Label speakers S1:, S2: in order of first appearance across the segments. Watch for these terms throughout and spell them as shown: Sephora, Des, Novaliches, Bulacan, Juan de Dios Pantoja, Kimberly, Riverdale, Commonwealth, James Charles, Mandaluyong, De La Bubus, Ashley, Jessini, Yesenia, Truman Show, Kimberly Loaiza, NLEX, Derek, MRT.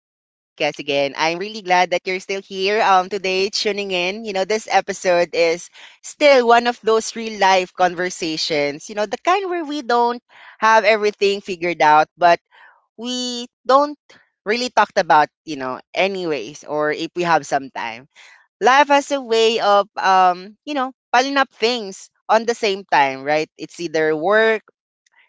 S1: again. I'm really glad that you're still here today tuning in. You know, this episode is still one of those real life conversations, you know, the kind where we don't have everything figured out, but we don't really talked about, you know, anyways or if we have some time. Life has a way of piling up things on the same time, right? It's either work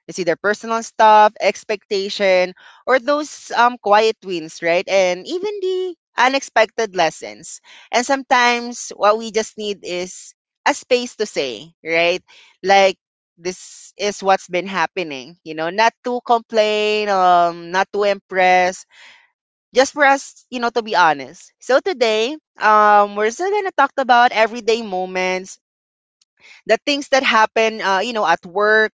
S1: it's either personal stuff, expectation, or those quiet wins, right? And even the unexpected lessons. And sometimes what we just need is a space to say, right? Like, this is what's been happening, you know, not to complain, not to impress, just for us, to be honest. So today, we're still gonna talk about everyday moments, the things that happen, at work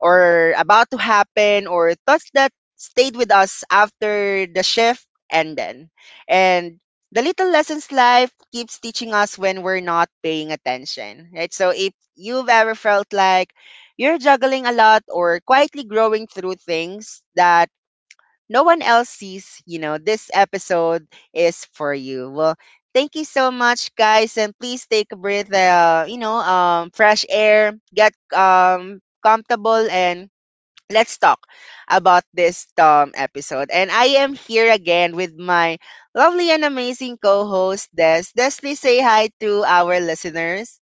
S1: or about to happen, or thoughts that stayed with us after the shift ended. And the little lessons life keeps teaching us when we're not paying attention, right? So if you've ever felt like you're juggling a lot, or quietly growing through things that no one else sees, this episode is for you. Well, thank you so much guys, and please take a breath, fresh air, get comfortable, and let's talk about this episode. And I am here again with my lovely and amazing co-host Des. Des, please say hi to our listeners.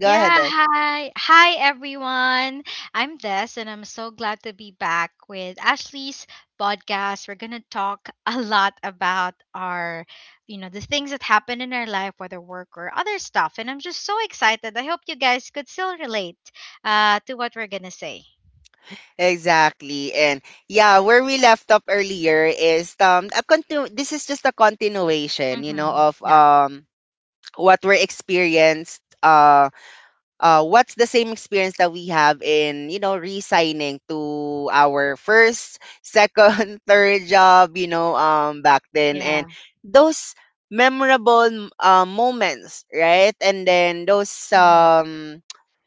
S1: Go ahead,
S2: Yeah,
S1: Des.
S2: hi. Hi, everyone. I'm Des, and I'm so glad to be back with Ashley's podcast. We're going to talk a lot about our, the things that happen in our life, whether work or other stuff. And I'm just so excited. I hope you guys could still relate to what we're going to say.
S1: Exactly. And yeah, where we left off earlier is this is just a continuation, you know,
S2: Mm-hmm.
S1: of
S2: Yep.
S1: what we're experienced, what's the same experience that we have in resigning to our first, second third job, back then, and
S2: Yeah.
S1: those memorable moments, right? And then those
S2: Mm-hmm.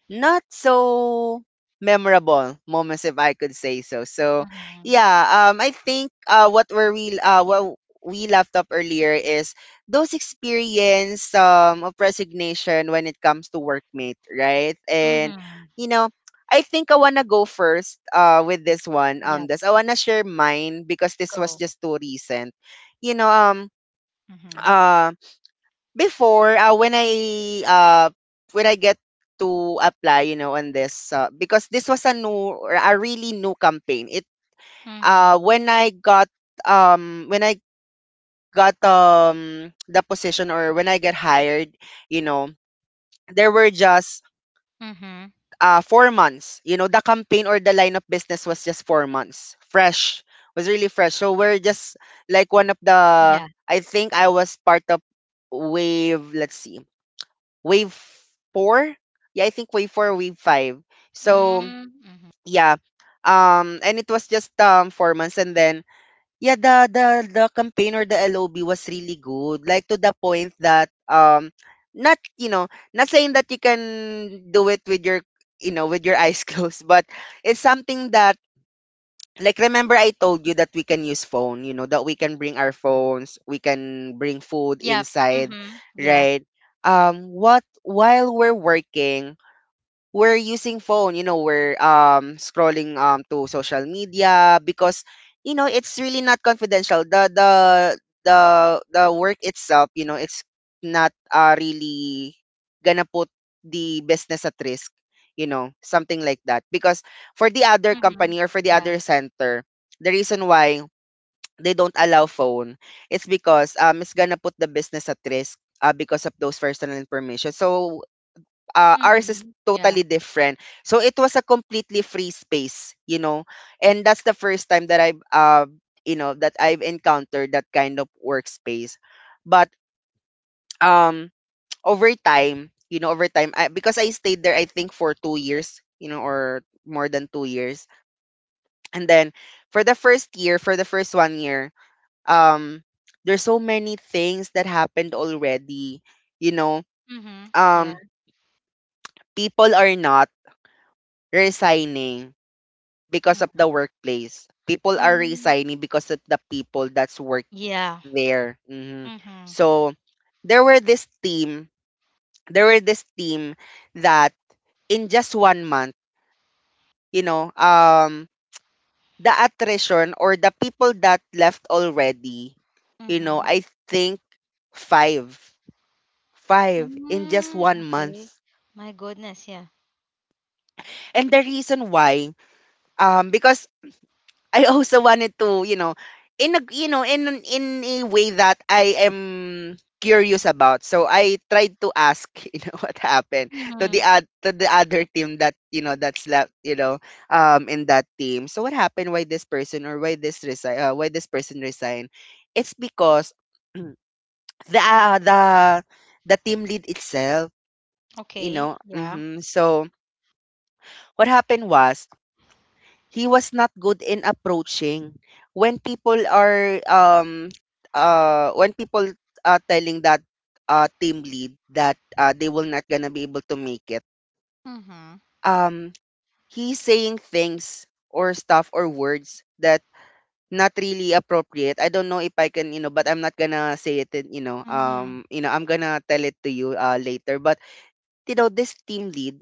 S1: not so memorable moments, if I could say so. So
S2: Mm-hmm.
S1: yeah, I think, what we left up earlier is those experience of resignation when it comes to workmate, right? And
S2: Mm-hmm.
S1: you know, I think I wanna go first with this one.
S2: Yep.
S1: This I wanna share mine, because this was
S2: Go.
S1: just too recent. You know, um
S2: Mm-hmm.
S1: um Before, uh when I get to apply, you know, on this, because this was a new, or a really new campaign. It
S2: Mm-hmm.
S1: uh when I got when I got the position, or when I get hired, you know, there were just
S2: Mm-hmm.
S1: 4 months. You know, the campaign or the line of business was just 4 months. Fresh. Was really fresh. So we're just like one of the—
S2: Yeah.
S1: I think I was part of wave, let's see, wave four. Yeah, I think wave four, wave five. So
S2: Mm-hmm.
S1: yeah. And it was just 4 months, and then yeah, the campaign or the LOB was really good. Like, to the point that, not you know, not saying that you can do it with your, with your eyes closed, but it's something that, like, remember I told you that we can use phone, that we can bring our phones, we can bring food
S2: Yep.
S1: inside,
S2: Mm-hmm. Yeah.
S1: right? What While we're working, we're using phone, we're scrolling to social media, because it's really not confidential, the the work itself, it's not really gonna put the business at risk, something like that, because for the other
S2: Mhm.
S1: company or for the
S2: Yeah.
S1: other center, the reason why they don't allow phone, it's because it's gonna put the business at risk, because of those personal information. So, ours is
S2: Mhm. Yeah.
S1: totally different. So it was a completely free space, you know. And that's the first time that I've encountered that kind of workspace. But, um over time, because I stayed there I think for 2 years, or more than 2 years. And then for the first year, for the first one year, um there's so many things that happened already, you know.
S2: Mhm. Yeah.
S1: Um People are not resigning because of the
S2: Mm.
S1: workplace. People are
S2: Mm.
S1: resigning because of the people that's work
S2: Yeah.
S1: there. Mhm.
S2: Mhm.
S1: So there were this team, there were this team that in just one month, you know, um, the attrition, or the people that left already,
S2: Mhm.
S1: I think five, five in just
S2: Mm.
S1: one
S2: Okay.
S1: month.
S2: My goodness. Yeah.
S1: And the reason why, because I also wanted to, in a you know, in an- in a way that I am curious about. So I tried to ask, what happened to the
S2: Mhm.
S1: ad, to the other team that, that's left, in that team. So what happened, why this person, or why this resign, why this person resigned? It's because the uh, the the team lead itself, you
S2: Okay.
S1: know.
S2: Yeah.
S1: So what happened was, he was not good in approaching when people are um when people are telling that team lead that, they will not gonna be able to make it.
S2: Mhm.
S1: Um he's saying things, or stuff, or words that not really appropriate. I don't know if I can, you know, but I'm not gonna say it, in,
S2: Mhm.
S1: I'm gonna tell it to you later. But, this team lead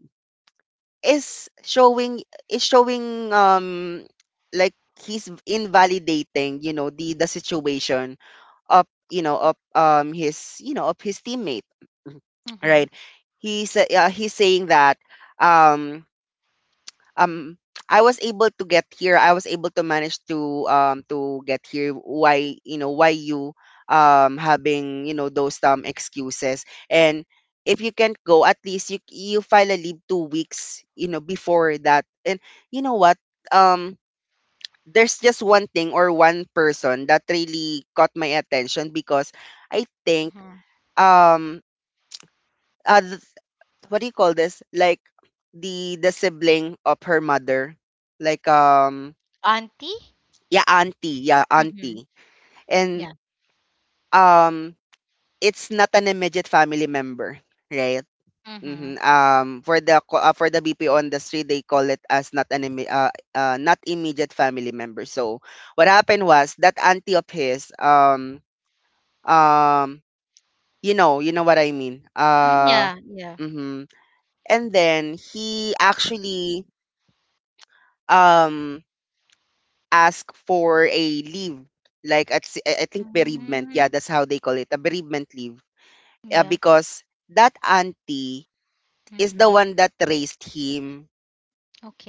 S1: is showing is showing, like, he's invalidating, the situation of, you know of his you know of his teammate,
S2: Mhm.
S1: right? He's saying that, um um I was able to get here. I was able to manage to get here. Why you having, those excuses. And if you can't go, at least you file a leave 2 weeks, before that. And you know what um there's just one thing, or one person that really caught my attention, because I think,
S2: Mhm.
S1: um uh, th- what do you call this? Like, the sibling of her mother, like,
S2: Auntie.
S1: yeah, auntie yeah
S2: Mhm.
S1: auntie, and,
S2: Yeah.
S1: um it's not an immediate family member, right?
S2: Mhm.
S1: For the BPO industry, they call it as not an not immediate family member. So what happened was, that auntie of his, um, you know what I mean.
S2: Mm, yeah. Yeah.
S1: Mm-hmm. And then he actually um ask for a leave, like, at, I think, bereavement, yeah,
S2: Mhm.
S1: that's how they call it, a bereavement leave,
S2: Yeah.
S1: because that auntie is the
S2: Mhm.
S1: one that raised him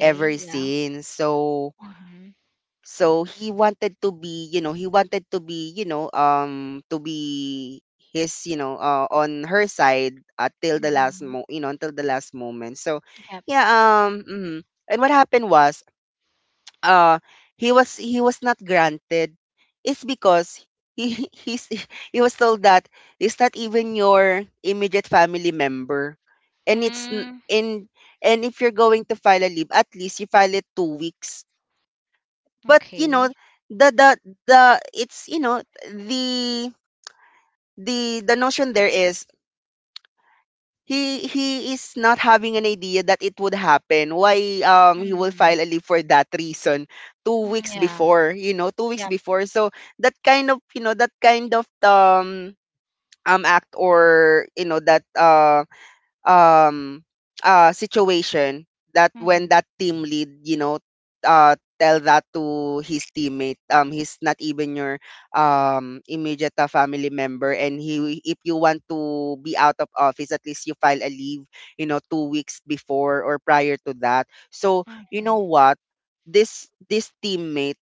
S1: ever
S2: Yeah.
S1: since. so
S2: Mhm.
S1: so he wanted to be, you know he wanted to be you know to be his you know on her side, till the last
S2: Mhm.
S1: mo you know until the last moment.
S2: Yep.
S1: Yeah um mhm. And what happened was, uh he was not granted, is because he he was told that it's not even your immediate family member, and it's n-
S2: Mm.
S1: in and if you're going to file a leave, at least you file it 2 weeks. But,
S2: Okay.
S1: the the the it's you know the the notion there is, he is not having an idea that it would happen. Why, he will file
S2: Mhm.
S1: a leave for that reason two
S2: Mm,
S1: weeks
S2: yeah.
S1: before, 2 weeks
S2: Yep.
S1: before. So that kind of, act, or you know that um situation, that when
S2: Mhm.
S1: that team lead, uh tell that to his teammate, he's not even your immediate, family member, and he if you want to be out of office, at least you file a leave, 2 weeks before, or prior to that. so you know
S2: Mhm.
S1: what this teammate,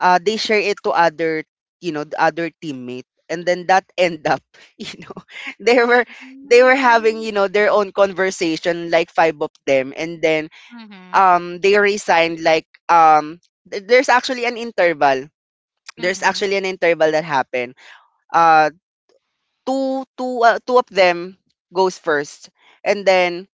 S1: they share it to other, the other teammate. And then that end up, you know, they were they were having,
S2: Mm.
S1: their own conversation, like five of them. And then
S2: Mhm.
S1: they resigned, like, there's actually an interval. There's
S2: Mhm.
S1: actually an interval that happened. Uh Two of them goes first. And then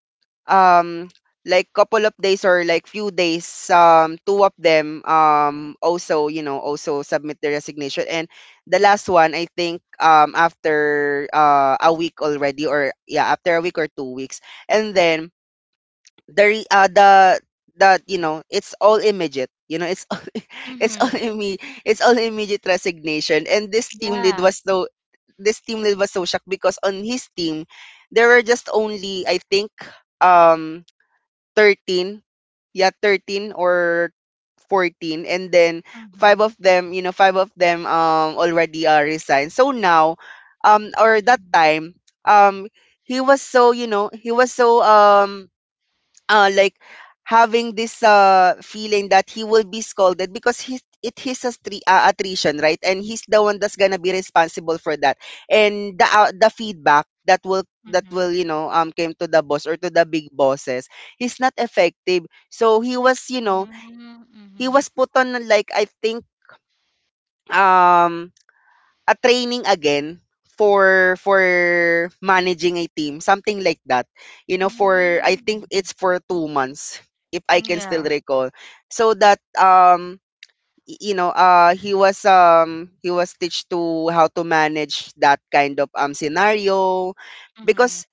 S1: um like couple of days or like few days two of them also also submit their resignation. And the last one I think after a week already, or yeah, after a week or 2 weeks. And then the, that you know it's all immediate, it's all, it's all
S2: Mhm.
S1: imme- it's all immediate resignation. And this team lead
S2: Yeah.
S1: was so this team lead was so shocked because on his team there were just only I think um 13, yeah, 13 or 14. And then
S2: Mhm.
S1: 5 of them, five of them already resigned. So now, or that time, um he was so, he was so like having this feeling that he will be scolded because he's it is attrition, right? And he's the one that's gonna be responsible for that, and the feedback that
S2: Mhm.
S1: will, um, came to the boss or to the big bosses, he's not effective. So he was, you know,
S2: Mhm. Mm,
S1: he
S2: mhm.
S1: was put on like I think um a training again for managing a team, something like that. You know, for I think
S2: Mm.
S1: it's for 2 months, if I can still
S2: Yeah.
S1: recall. So that you know, he was, he was teach to how to manage that kind of scenario.
S2: Mhm.
S1: Because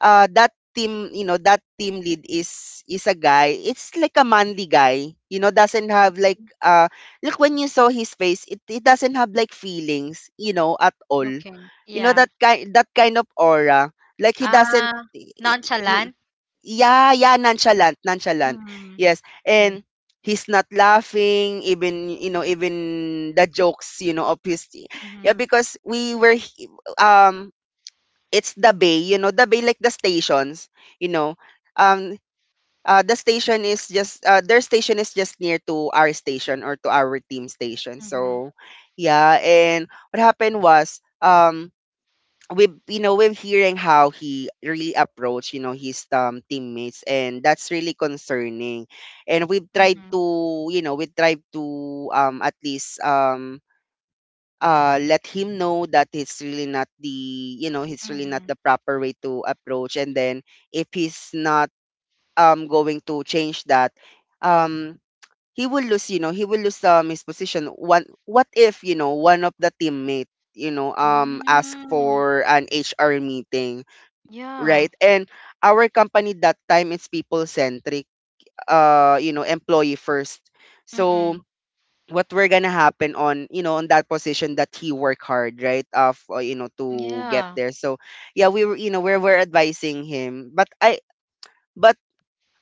S1: that team, you know, that team lead is a guy. It's like a manly guy. You know, doesn't have like when you saw his face, it doesn't have like feelings, you know, at all.
S2: Okay.
S1: You know,
S2: Yeah.
S1: that kind of aura. Like he doesn't
S2: Uh
S1: i- i- i-
S2: Nonchalant.
S1: yeah, yeah, nonchalant, nonchalant.
S2: Mhm.
S1: Yes.
S2: Okay.
S1: And he's not laughing even, you know, even the jokes, you know, of his. Yeah,
S2: Mhm.
S1: because um it's the bay, you know, the bay like the stations, you know. Um the station is just their station is just near to our station or to our team station.
S2: Mhm.
S1: So yeah, and what happened was, we, you know, we're hearing how he really approached, you know, his teammates, and that's really concerning. And we've tried
S2: Mhm.
S1: to, you know, we tried to at least let him know that it's really not the, you know, it's really not
S2: Mhm.
S1: the proper way to approach. And then if he's not going to change that, um he will lose, you know, he will lose his position. One, what if, you know, one of the teammate, you know, ask
S2: Mm.
S1: for an hr meeting,
S2: Yeah.
S1: right? And our company that time is people centric, you know, employee first. So
S2: Mm-mm.
S1: what we're gonna happen on, you know, on that position that he worked hard, right, of you know, to get
S2: Yeah.
S1: there. So yeah, we were, you know, we're advising him. But I but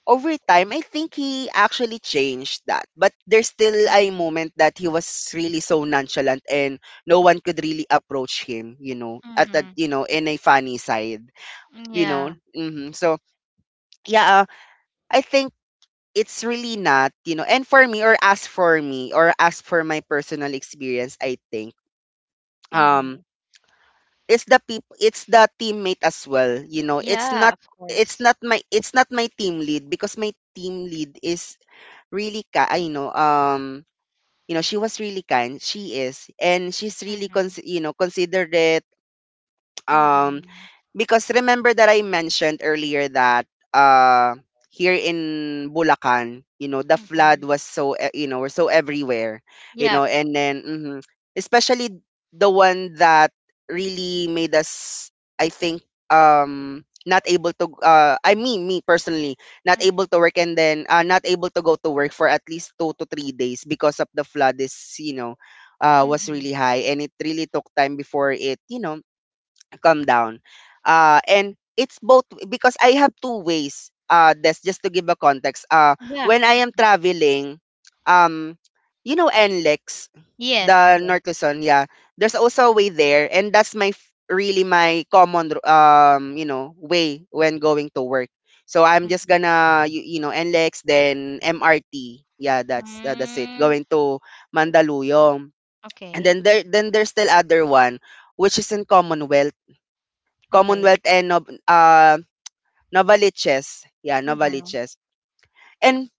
S1: over time I think he actually changed that. But there's still a
S2: Mhm.
S1: moment that he was really so nonchalant, and no one could really approach him, you know, at that,
S2: Mhm.
S1: you know, in a funny side, you know.
S2: Yeah.
S1: Hmm. So yeah, I think it's really not, you know. And for me or as for me, or as for my personal experience, I think, um
S2: Mhm.
S1: it's the peop it's the teammate as well, you know. It's
S2: Yeah,
S1: not,
S2: of
S1: it's
S2: course.
S1: not my, it's not my team lead, because my team lead is I know, you know, she was really kind. She is, and she's really
S2: Mhm.
S1: you know, considerate. um
S2: Mhm.
S1: because remember that I mentioned earlier that here in Bulacan, you know, the flood
S2: Mhm.
S1: was you know, were so everywhere, you
S2: Yeah,
S1: know. And then mhm, especially the one that really made us, I think, not able to I mean, me personally, not able to
S2: mhm,
S1: work, and then not able to go to work for at least 2 to 3 days because of the flood is, you know, was
S2: mhm.
S1: really high, and it really took time before it, you know, calm down. And it's both because I have two ways. That's just to give a context.
S2: Yeah.
S1: When I am traveling, um, you know, NLEX,
S2: Yes,
S1: the
S2: yes.
S1: North Luzon, yeah. There's also a way there, and that's really my you know, way when going to work. So I'm just
S2: Mhm.
S1: gonna you know, NLEX then MRT. Yeah, that's it.
S2: Mm,
S1: Going to Mandaluyong. And
S2: okay.
S1: then
S2: Mm,
S1: there then there's still other one, which is in Commonwealth.
S2: okay.
S1: Commonwealth and Novaliches. Yeah,
S2: Mhm.
S1: Novaliches. And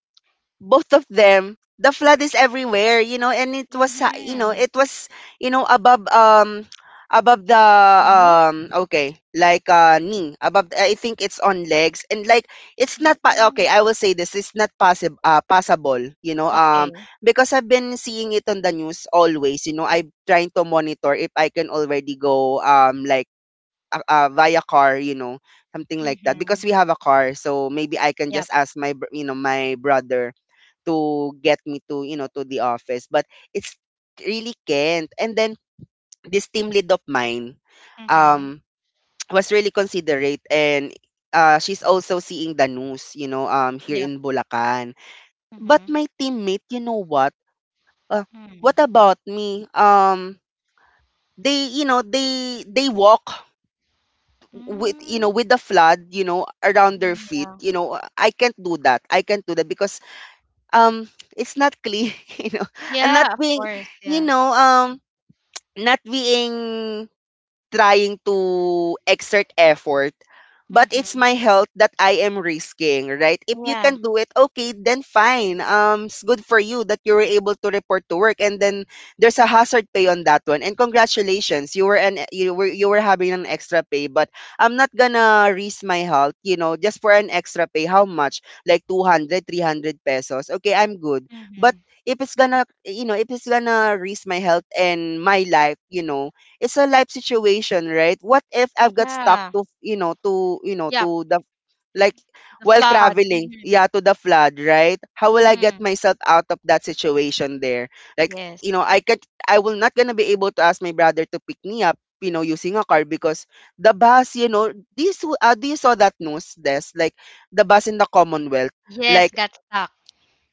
S1: both of them, the flood is everywhere, you know. And it was, you know,
S2: Mhm.
S1: it was, you know, above, above the,
S2: Yes.
S1: okay, like, knee, I think it's on legs, and like, it's not, pa- okay,
S2: Mhm.
S1: I will say this, it's not possible, possible, you know,
S2: Okay.
S1: because I've been seeing it on the news always, you know. I'm trying to monitor if I can already go, like, via car, you know, something like that. Because
S2: Mhm.
S1: we have a car, so maybe I can
S2: Yep.
S1: just ask you know, my brother to get me to, you know, to the office. But it's really can't. And then this team lead of mine,
S2: Mhm.
S1: um, was really considerate. And she's also seeing the news, you know, here
S2: Yep.
S1: in Bulacan. But
S2: Mhm.
S1: my teammate, you know what? Uh, what
S2: Mm.
S1: about me? They, you know, they walk with, you know,
S2: Mm.
S1: with the flood, you know, around their feet.
S2: Yeah.
S1: You know, I can't do that. I can't do that because, um it's not clean. You know, and not
S2: Yeah, of
S1: being,
S2: course.
S1: you
S2: Yeah.
S1: know, not being, trying to exert effort, but it's
S2: Mhm.
S1: my health that I am risking, right? If you
S2: Yeah.
S1: can do it, okay, then fine. It's good for you that you were able to report to work, and then there's a hazard pay on that one. And congratulations, you were, you were having an extra pay. But I'm not gonna risk my health, you know, just for an extra pay. How much? Like 200, 300 pesos. Okay, I'm good. But
S2: Mhm.
S1: if it's gonna, you know, if it's gonna risk my health and my life, you know, it's a life situation, right? What if I've got stuck
S2: Yeah.
S1: to, you know, to, you know,
S2: Yep.
S1: to the, like,
S2: The
S1: while
S2: flood.
S1: traveling,
S2: Mhm.
S1: yeah, to the flood, right? How will I
S2: Mhm.
S1: get myself out of that situation there? Like,
S2: Yes.
S1: you know, I will not gonna be able to ask my brother to pick me up, you know, using a car, because the bus, you know, do you saw that news, Des? Like the bus in the Commonwealth.
S2: Yes,
S1: Like,
S2: got stuck.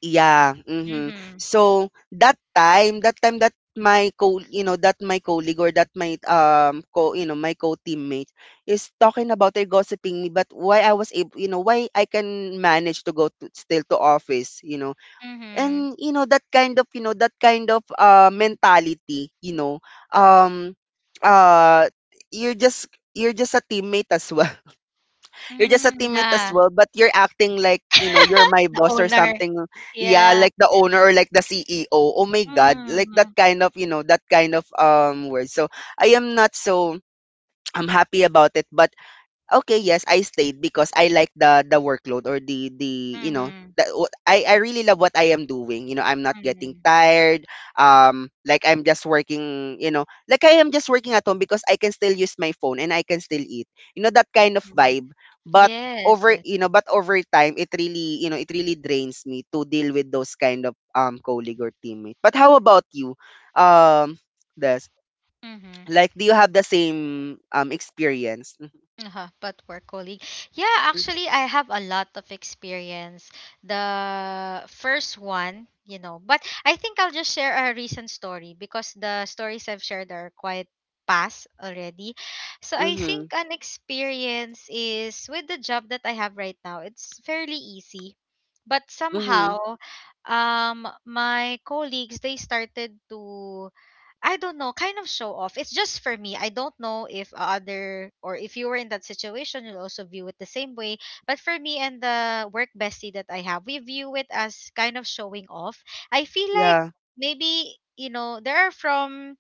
S1: yeah, mhm.
S2: Mhm.
S1: So that time, that time that you know, that my colleague, or that my you know, my co-teammate is talking about her, gossiping me. But why I was able, you know, why I can manage to go to, still to office, you know.
S2: Mhm.
S1: And you know that kind of, you know, that kind of mentality, you know, um, uh, you're just, you're just a teammate as well, you're just a
S2: Mm,
S1: teammate as
S2: yeah.
S1: well. But you're acting like, you know, you're my
S2: The
S1: boss or
S2: owner.
S1: something. Yeah,
S2: Yeah.
S1: like the owner or like the CEO. Oh my God. Like that
S2: Mhm.
S1: kind of, you know, that kind of word. So I am not so, I'm happy about it, but, okay, yes, I stayed because I like the workload, or the, you know,
S2: Mhm.
S1: I really love what I am doing. You know, I'm not getting
S2: Mhm.
S1: tired. Like I'm just working. You know, like I am just working at home because I can still use my phone and I can still eat. You know, that kind of
S2: Mhm.
S1: vibe. But
S2: Yes, yes.
S1: over time, it really, you know, it really drains me to deal with those kind of colleague or teammate. But how about you? Um, this,
S2: Mhm.
S1: like, do you have the same experience?
S2: Uh-huh, but work colleague. Yeah, actually, I have a lot of experience. The first one, you know, but I think I'll just share a recent story because the stories I've shared are quite past already. So I
S1: Mm-hmm.
S2: think an experience is with the job that I have right now. It's fairly easy, but
S1: Mm-hmm.
S2: somehow, my colleagues, they started to, I don't know, kind of show off. It's just for me. I don't know if other or if you were in that situation, you'll also view it the same way. But for me and the work bestie that I have, we view it as kind of showing off. I feel like
S1: Yeah,
S2: maybe, you know, there are from,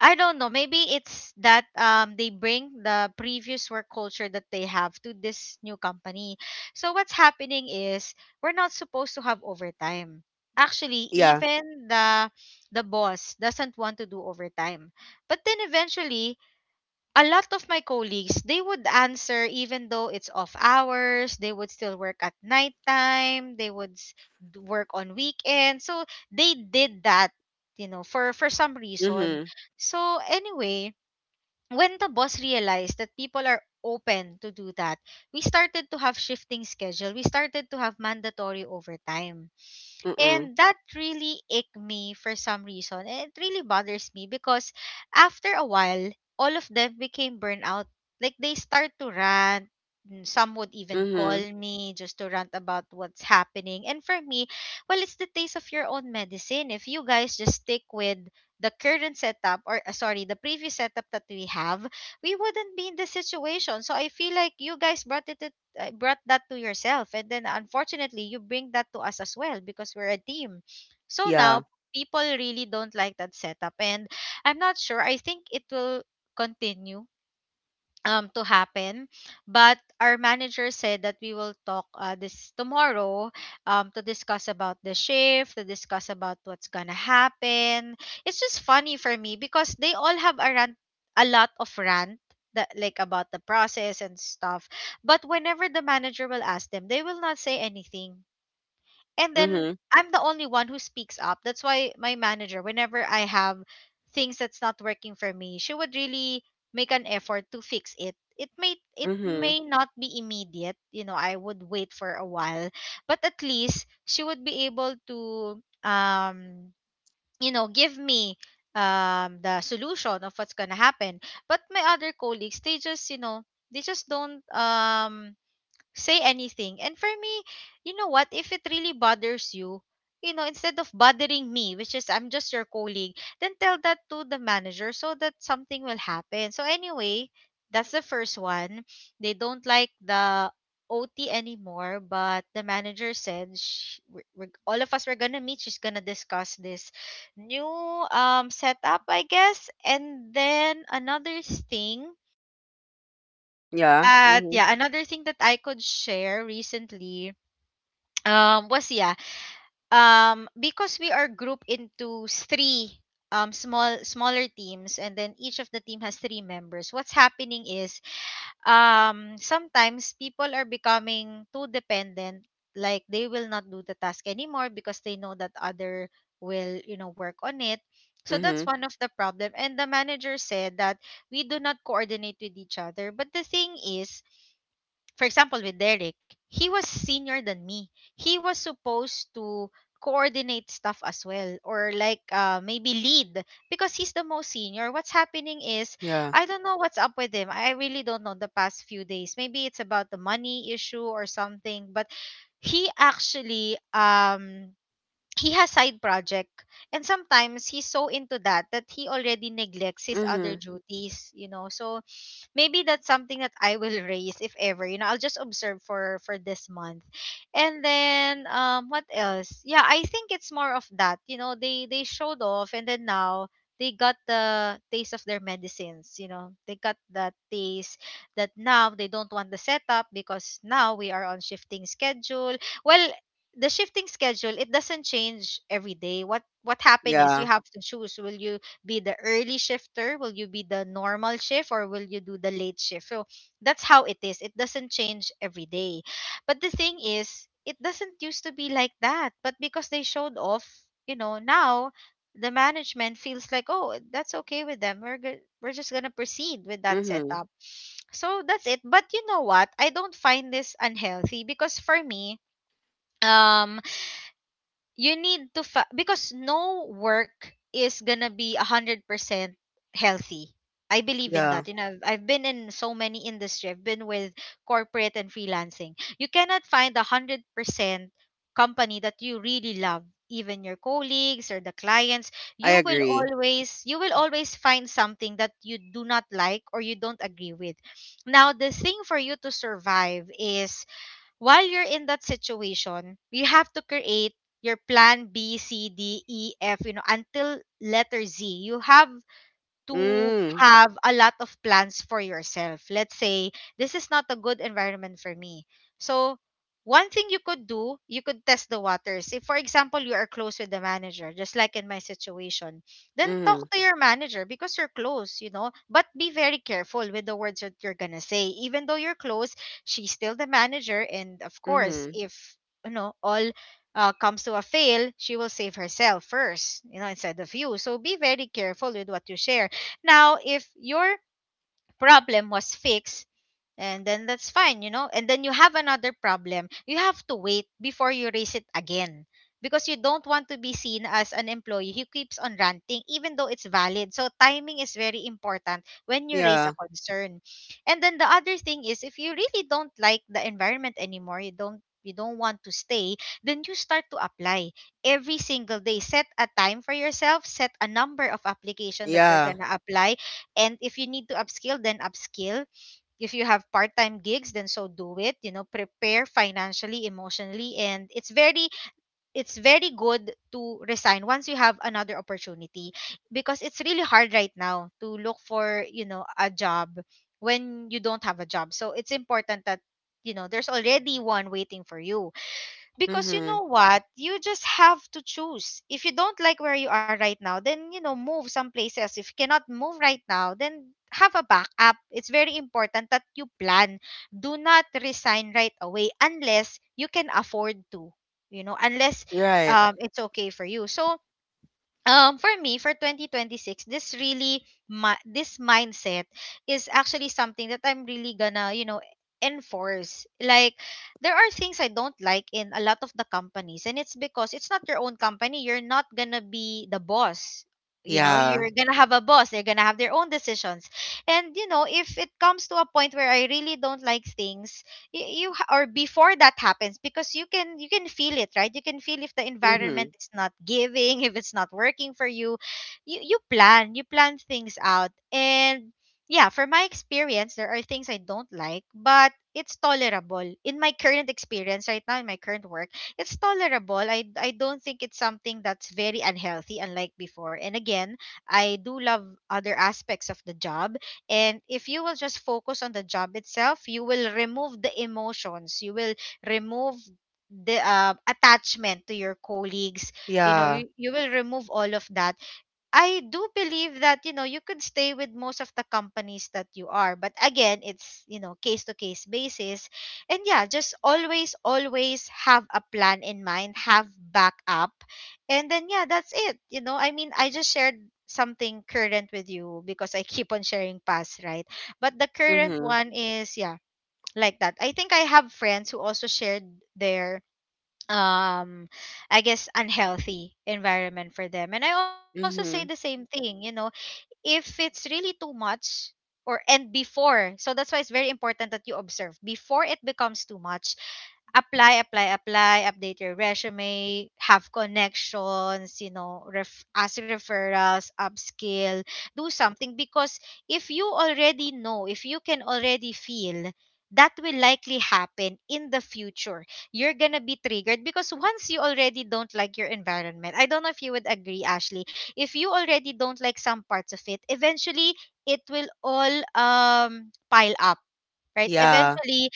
S2: I don't know. Maybe it's that they bring the previous work culture that they have to this new company. So what's happening is, we're not supposed to have overtime. Actually,
S1: yeah.
S2: even the boss doesn't want to do overtime. But then eventually a lot of my colleagues, they would answer even though it's off hours. They would still work at nighttime, they would work on weekends. So they did that, you know, for some reason.
S1: Mhm,
S2: So anyway, when the boss realized that people are open to do that, we started to have shifting schedule, we started to have mandatory overtime,
S1: mm,
S2: and that really ached me for some reason. And it really bothers me because after a while, all of them became burnout. Like they start to rant. Mm, some would even call
S1: mhm.
S2: me just to rant about what's happening. And for me, well, it's the taste of your own medicine. If you guys just stick with the current setup, or sorry, the previous setup that we have, we wouldn't be in this situation. So I feel like you guys brought that to yourself, and then unfortunately you bring that to us as well because we're a team. So
S1: Yeah.
S2: now people really don't like that setup, and I'm not sure, I think it will continue to happen. But our manager said that we will talk this tomorrow to discuss about the shift, to discuss about what's gonna happen. It's just funny for me because they all have a rant, a lot of rant that, like, about the process and stuff, but whenever the manager will ask them, they will not say anything. And then
S1: Mhm,
S2: I'm the only one who speaks up. That's why my manager, whenever I have things that's not working for me, she would really make an effort to fix it. It may it
S1: mhm.
S2: may not be immediate, you know, I would wait for a while, but at least she would be able to give me the solution of what's going to happen. But my other colleagues, they just, you know, they just don't say anything. And for me, you know what? If it really bothers you, you know, instead of bothering me, which is, I'm just your colleague, then tell that to the manager so that something will happen. So anyway, that's the first one. They don't like the OT anymore, but the manager said all of us were gonna meet. She's gonna discuss this new setup, I guess. And then another thing
S1: Yeah, mhm,
S2: another thing that I could share recently was yeah because we are grouped into three smaller teams, and then each of the team has three members. What's happening is, sometimes people are becoming too dependent. Like they will not do the task anymore because they know that other will, you know, work on it. So that's
S1: mhm.
S2: one of the problem, and the manager said that we do not coordinate with each other. But the thing is, for example, with Derek, he was senior than me. He was supposed to coordinate stuff as well, or like maybe lead because he's the most senior. What's happening is,
S1: Yeah.
S2: I don't know what's up with him. I really don't know the past few days. Maybe it's about the money issue or something, but he actually um he has side project, and sometimes he's so into that that he already neglects his other
S1: Mhm.
S2: duties, you know. So maybe that's something that I will raise if ever. You know, I'll just observe for this month. And then what else? Yeah, I think it's more of that. You know, they showed off, and then now they got the taste of their medicines, you know. They got that taste that now they don't want the setup because now we are on shifting schedule. Well, the shifting schedule, it doesn't change every day. What happened is, you
S1: Yeah.
S2: have to choose, will you be the early shifter? Will you be the normal shift, or will you do the late shift? So that's how it is. It doesn't change every day. But the thing is, it doesn't used to be like that. But because they showed off, you know, now the management feels like, oh, that's okay with them. We're just gonna proceed with that
S1: Mhm.
S2: setup. So that's it. But you know what? I don't find this unhealthy because for me, um you need to because no work is gonna be 100% healthy. I believe in
S1: Yeah.
S2: that. You know, I've been in so many industry. I've been with corporate and freelancing. You cannot find 100% company that you really love. Even your colleagues or the clients,
S1: I agree.
S2: you will always find something that you do not like or you don't agree with. Now, the thing for you to survive is, while you're in that situation, you have to create your plan B, C, D, E, F, you know, until letter Z. You have to
S1: Mm.
S2: have a lot of plans for yourself. Let's say this is not a good environment for me. So one thing you could do, you could test the waters. If, for example, you are close with the manager, just like in my situation, then talk
S1: Mhm.
S2: to your manager because you're close, you know. But be very careful with the words that you're gonna say. Even though you're close, she's still the manager, and of course
S1: Mhm.
S2: if, you know, all comes to a fail, she will save herself first, you know, instead of you. So be very careful with what you share. Now, if your problem was fixed, and then that's fine, you know. And then you have another problem. You have to wait before you raise it again because you don't want to be seen as an employee who keeps on ranting even though it's valid. So timing is very important when you raise a
S1: Yeah.
S2: concern. And then the other thing is, if you really don't like the environment anymore, you don't want to stay, then you start to apply every single day. Set a time for yourself, set a number of application that you're going
S1: Yeah.
S2: to apply, and if you need to upskill, then upskill. If you have part time gigs, then so do it. You know, prepare financially, emotionally, and it's very good to resign once you have another opportunity because it's really hard right now to look for, you know, a job when you don't have a job. So it's important that you know there's already one waiting for you, because you know
S1: Mhm.
S2: what, you just have to choose. If you don't like where you are right now, then you know, move someplace else. If you cannot move right now, then have a backup. It's very important that you plan. Do not resign right away unless you can afford to, you know, unless
S1: Right.
S2: it's okay for you. So for me, for 2026, this really, my this mindset is actually something that I'm really gonna, you know, enforce. Like, there are things I don't like in a lot of the companies, and it's because it's not your own company. You're not gonna be the boss. You know,
S1: Yeah.
S2: you're gonna have a boss, they're gonna have their own decisions. And you know, if it comes to a point where I really don't like things, or before that happens, because you can, you can feel it, right? You can feel if the environment
S1: Mhm.
S2: is not giving, if it's not working for you. You plan, you plan things out. And yeah, for my experience, there are things I don't like, but it's tolerable in my current experience right now, in my current work. It's tolerable. I don't think it's something that's very unhealthy, unlike before. And again, I do love other aspects of the job. And if you will just focus on the job itself, you will remove the emotions. You will remove the attachment to your colleagues. You know,
S1: Yeah.
S2: you will remove all of that. I do believe that, you know, you could stay with most of the companies that you are, but again, it's, you know, case to case basis. And yeah, just always have a plan in mind, have backup, and then yeah, that's it. I mean, I just shared something current with you, because I keep on sharing past, right? But the current
S1: Mhm.
S2: one is yeah, like that. I think I have friends who also shared their um I guess unhealthy environment for them. And I also say the same
S1: Mhm.
S2: thing, you know, if it's really too much, or and before, so that's why it's very important that you observe before it becomes too much. Apply, apply, apply, update your resume, have connections, you know, ask referrals, upskill, do something. Because if you already know, if you can already feel, that will likely happen in the future. You're going to be triggered, because once you already don't like your environment — I don't know if you would agree, Ashley — if you already don't like some parts of it, eventually it will all pile up, right?
S1: Yeah.
S2: Eventually,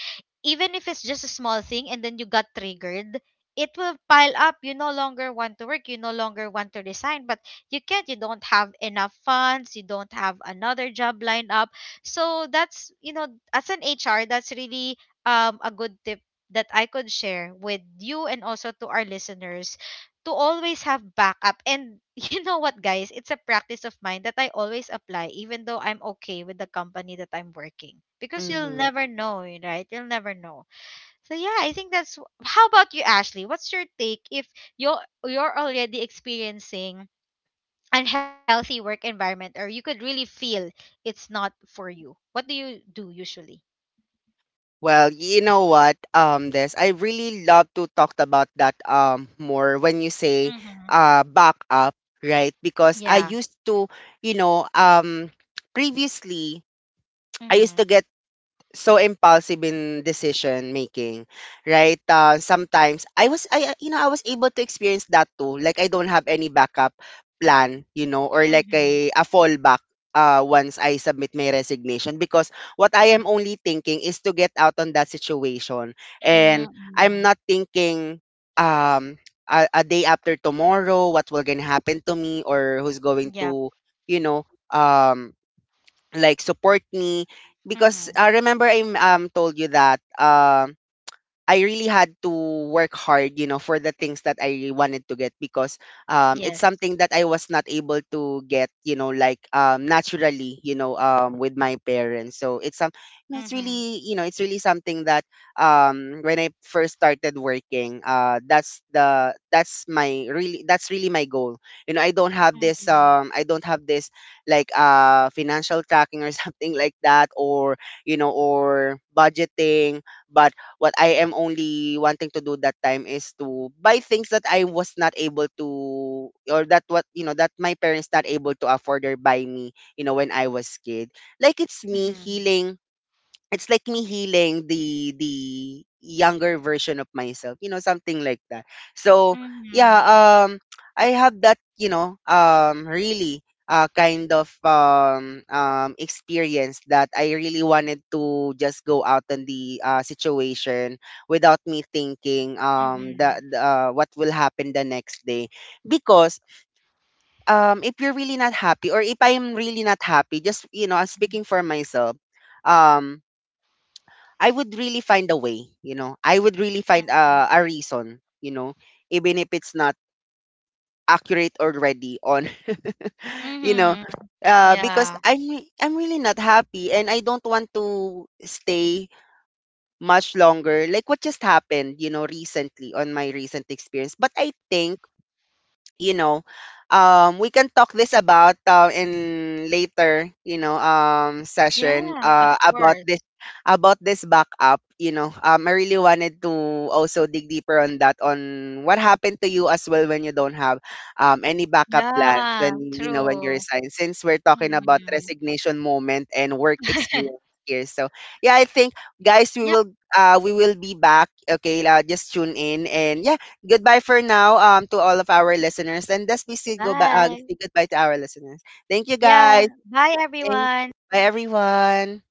S2: even if it's just a small thing and then you got triggered, it will pile up. You no longer want to work, you no longer want to resign, but you can't. You don't have enough funds, you don't have another job lined up. So that's, you know, as an HR, that's really a good tip that I could share with you and also to our listeners: to always have backup. And you know what, guys? It's a practice of mine that I always apply, even though I'm okay with the company that I'm working. Because you'll
S1: Mhm.
S2: never know, right? You'll never know. So yeah, I think that's. How about you, Ashley? What's your take if you're already experiencing unhealthy work environment, or you could really feel it's not for you? What do you do usually?
S1: Well, you know what, this I really love to talk about that more when you say
S2: Mm-hmm.
S1: backup, right? Because I used
S2: Yeah.
S1: to, you know, previously I used to get
S2: Mm-hmm.
S1: so impulsive in decision making, right? Sometimes I was, I you know, I was able to experience that too. Like I don't have any backup plan, you know, or like a
S2: Mm-hmm.
S1: fallback. Once I submit my resignation, because what I am only thinking is to get out on that situation. And I'm not
S2: Mm-hmm.
S1: thinking, um a day after tomorrow, what will gonna happen to me, or who's going to,
S2: Yep.
S1: you know, like, support me. Because
S2: Mm-hmm.
S1: remember I told you that, I really had to work hard, you know, for the things that I wanted to get. Because, it's
S2: Yes.
S1: something that I was not able to get, you know, like, naturally, you know, with my parents. So it's some, you know, it's really,
S2: Mm-hmm.
S1: you know, it's really something that, when I first started working, that's my really, that's really my goal. You know, I don't have this, I
S2: Mhm.
S1: don't have this, like, financial tracking, or something like that, or you know, or budgeting. What I am only wanting to do that time is to buy things that I was not able to, or that, what, you know, that my parents not able to afford or buy me, you know, when I was kid. Like it's me healing
S2: Mhm.
S1: it's like me healing the younger version of myself, you know, something like that. So
S2: Mhm.
S1: yeah, um I have that, you know, really kind of experience that I really wanted to just go out in the situation, without me thinking, the,
S2: Mhm.
S1: what will happen the next day. Because, if you're really not happy, or if I'm really not happy, just, you know, speaking for myself, um. I would really find a way, you know. I would really find a reason, you know, even if it's not accurate already on, you know,
S2: Mhm.
S1: because
S2: Yeah.
S1: I'm really not happy and I don't want to stay much longer. Like what just happened, you know, recently on my recent experience. But I think, you know, we can talk this about, in later, you know, session,
S2: Yeah, of
S1: about this,
S2: course.
S1: about this backup, you know. Um, I really wanted to also dig deeper on that, on what happened to you as well, when you don't have any backup plans, when,
S2: Yeah,
S1: you know, when you resign,
S2: true.
S1: since we're talking about
S2: Mhm.
S1: resignation moment and work experience here. So yeah, I think, guys, we will,
S2: Yep.
S1: we will be back, okay. Uh, just tune in. And yeah, goodbye for now, to all of our listeners. And let's please say
S2: Bye.
S1: goodbye to our listeners. Thank you, guys.
S2: Yeah. Bye,
S1: Thank,
S2: everyone.
S1: bye, everyone.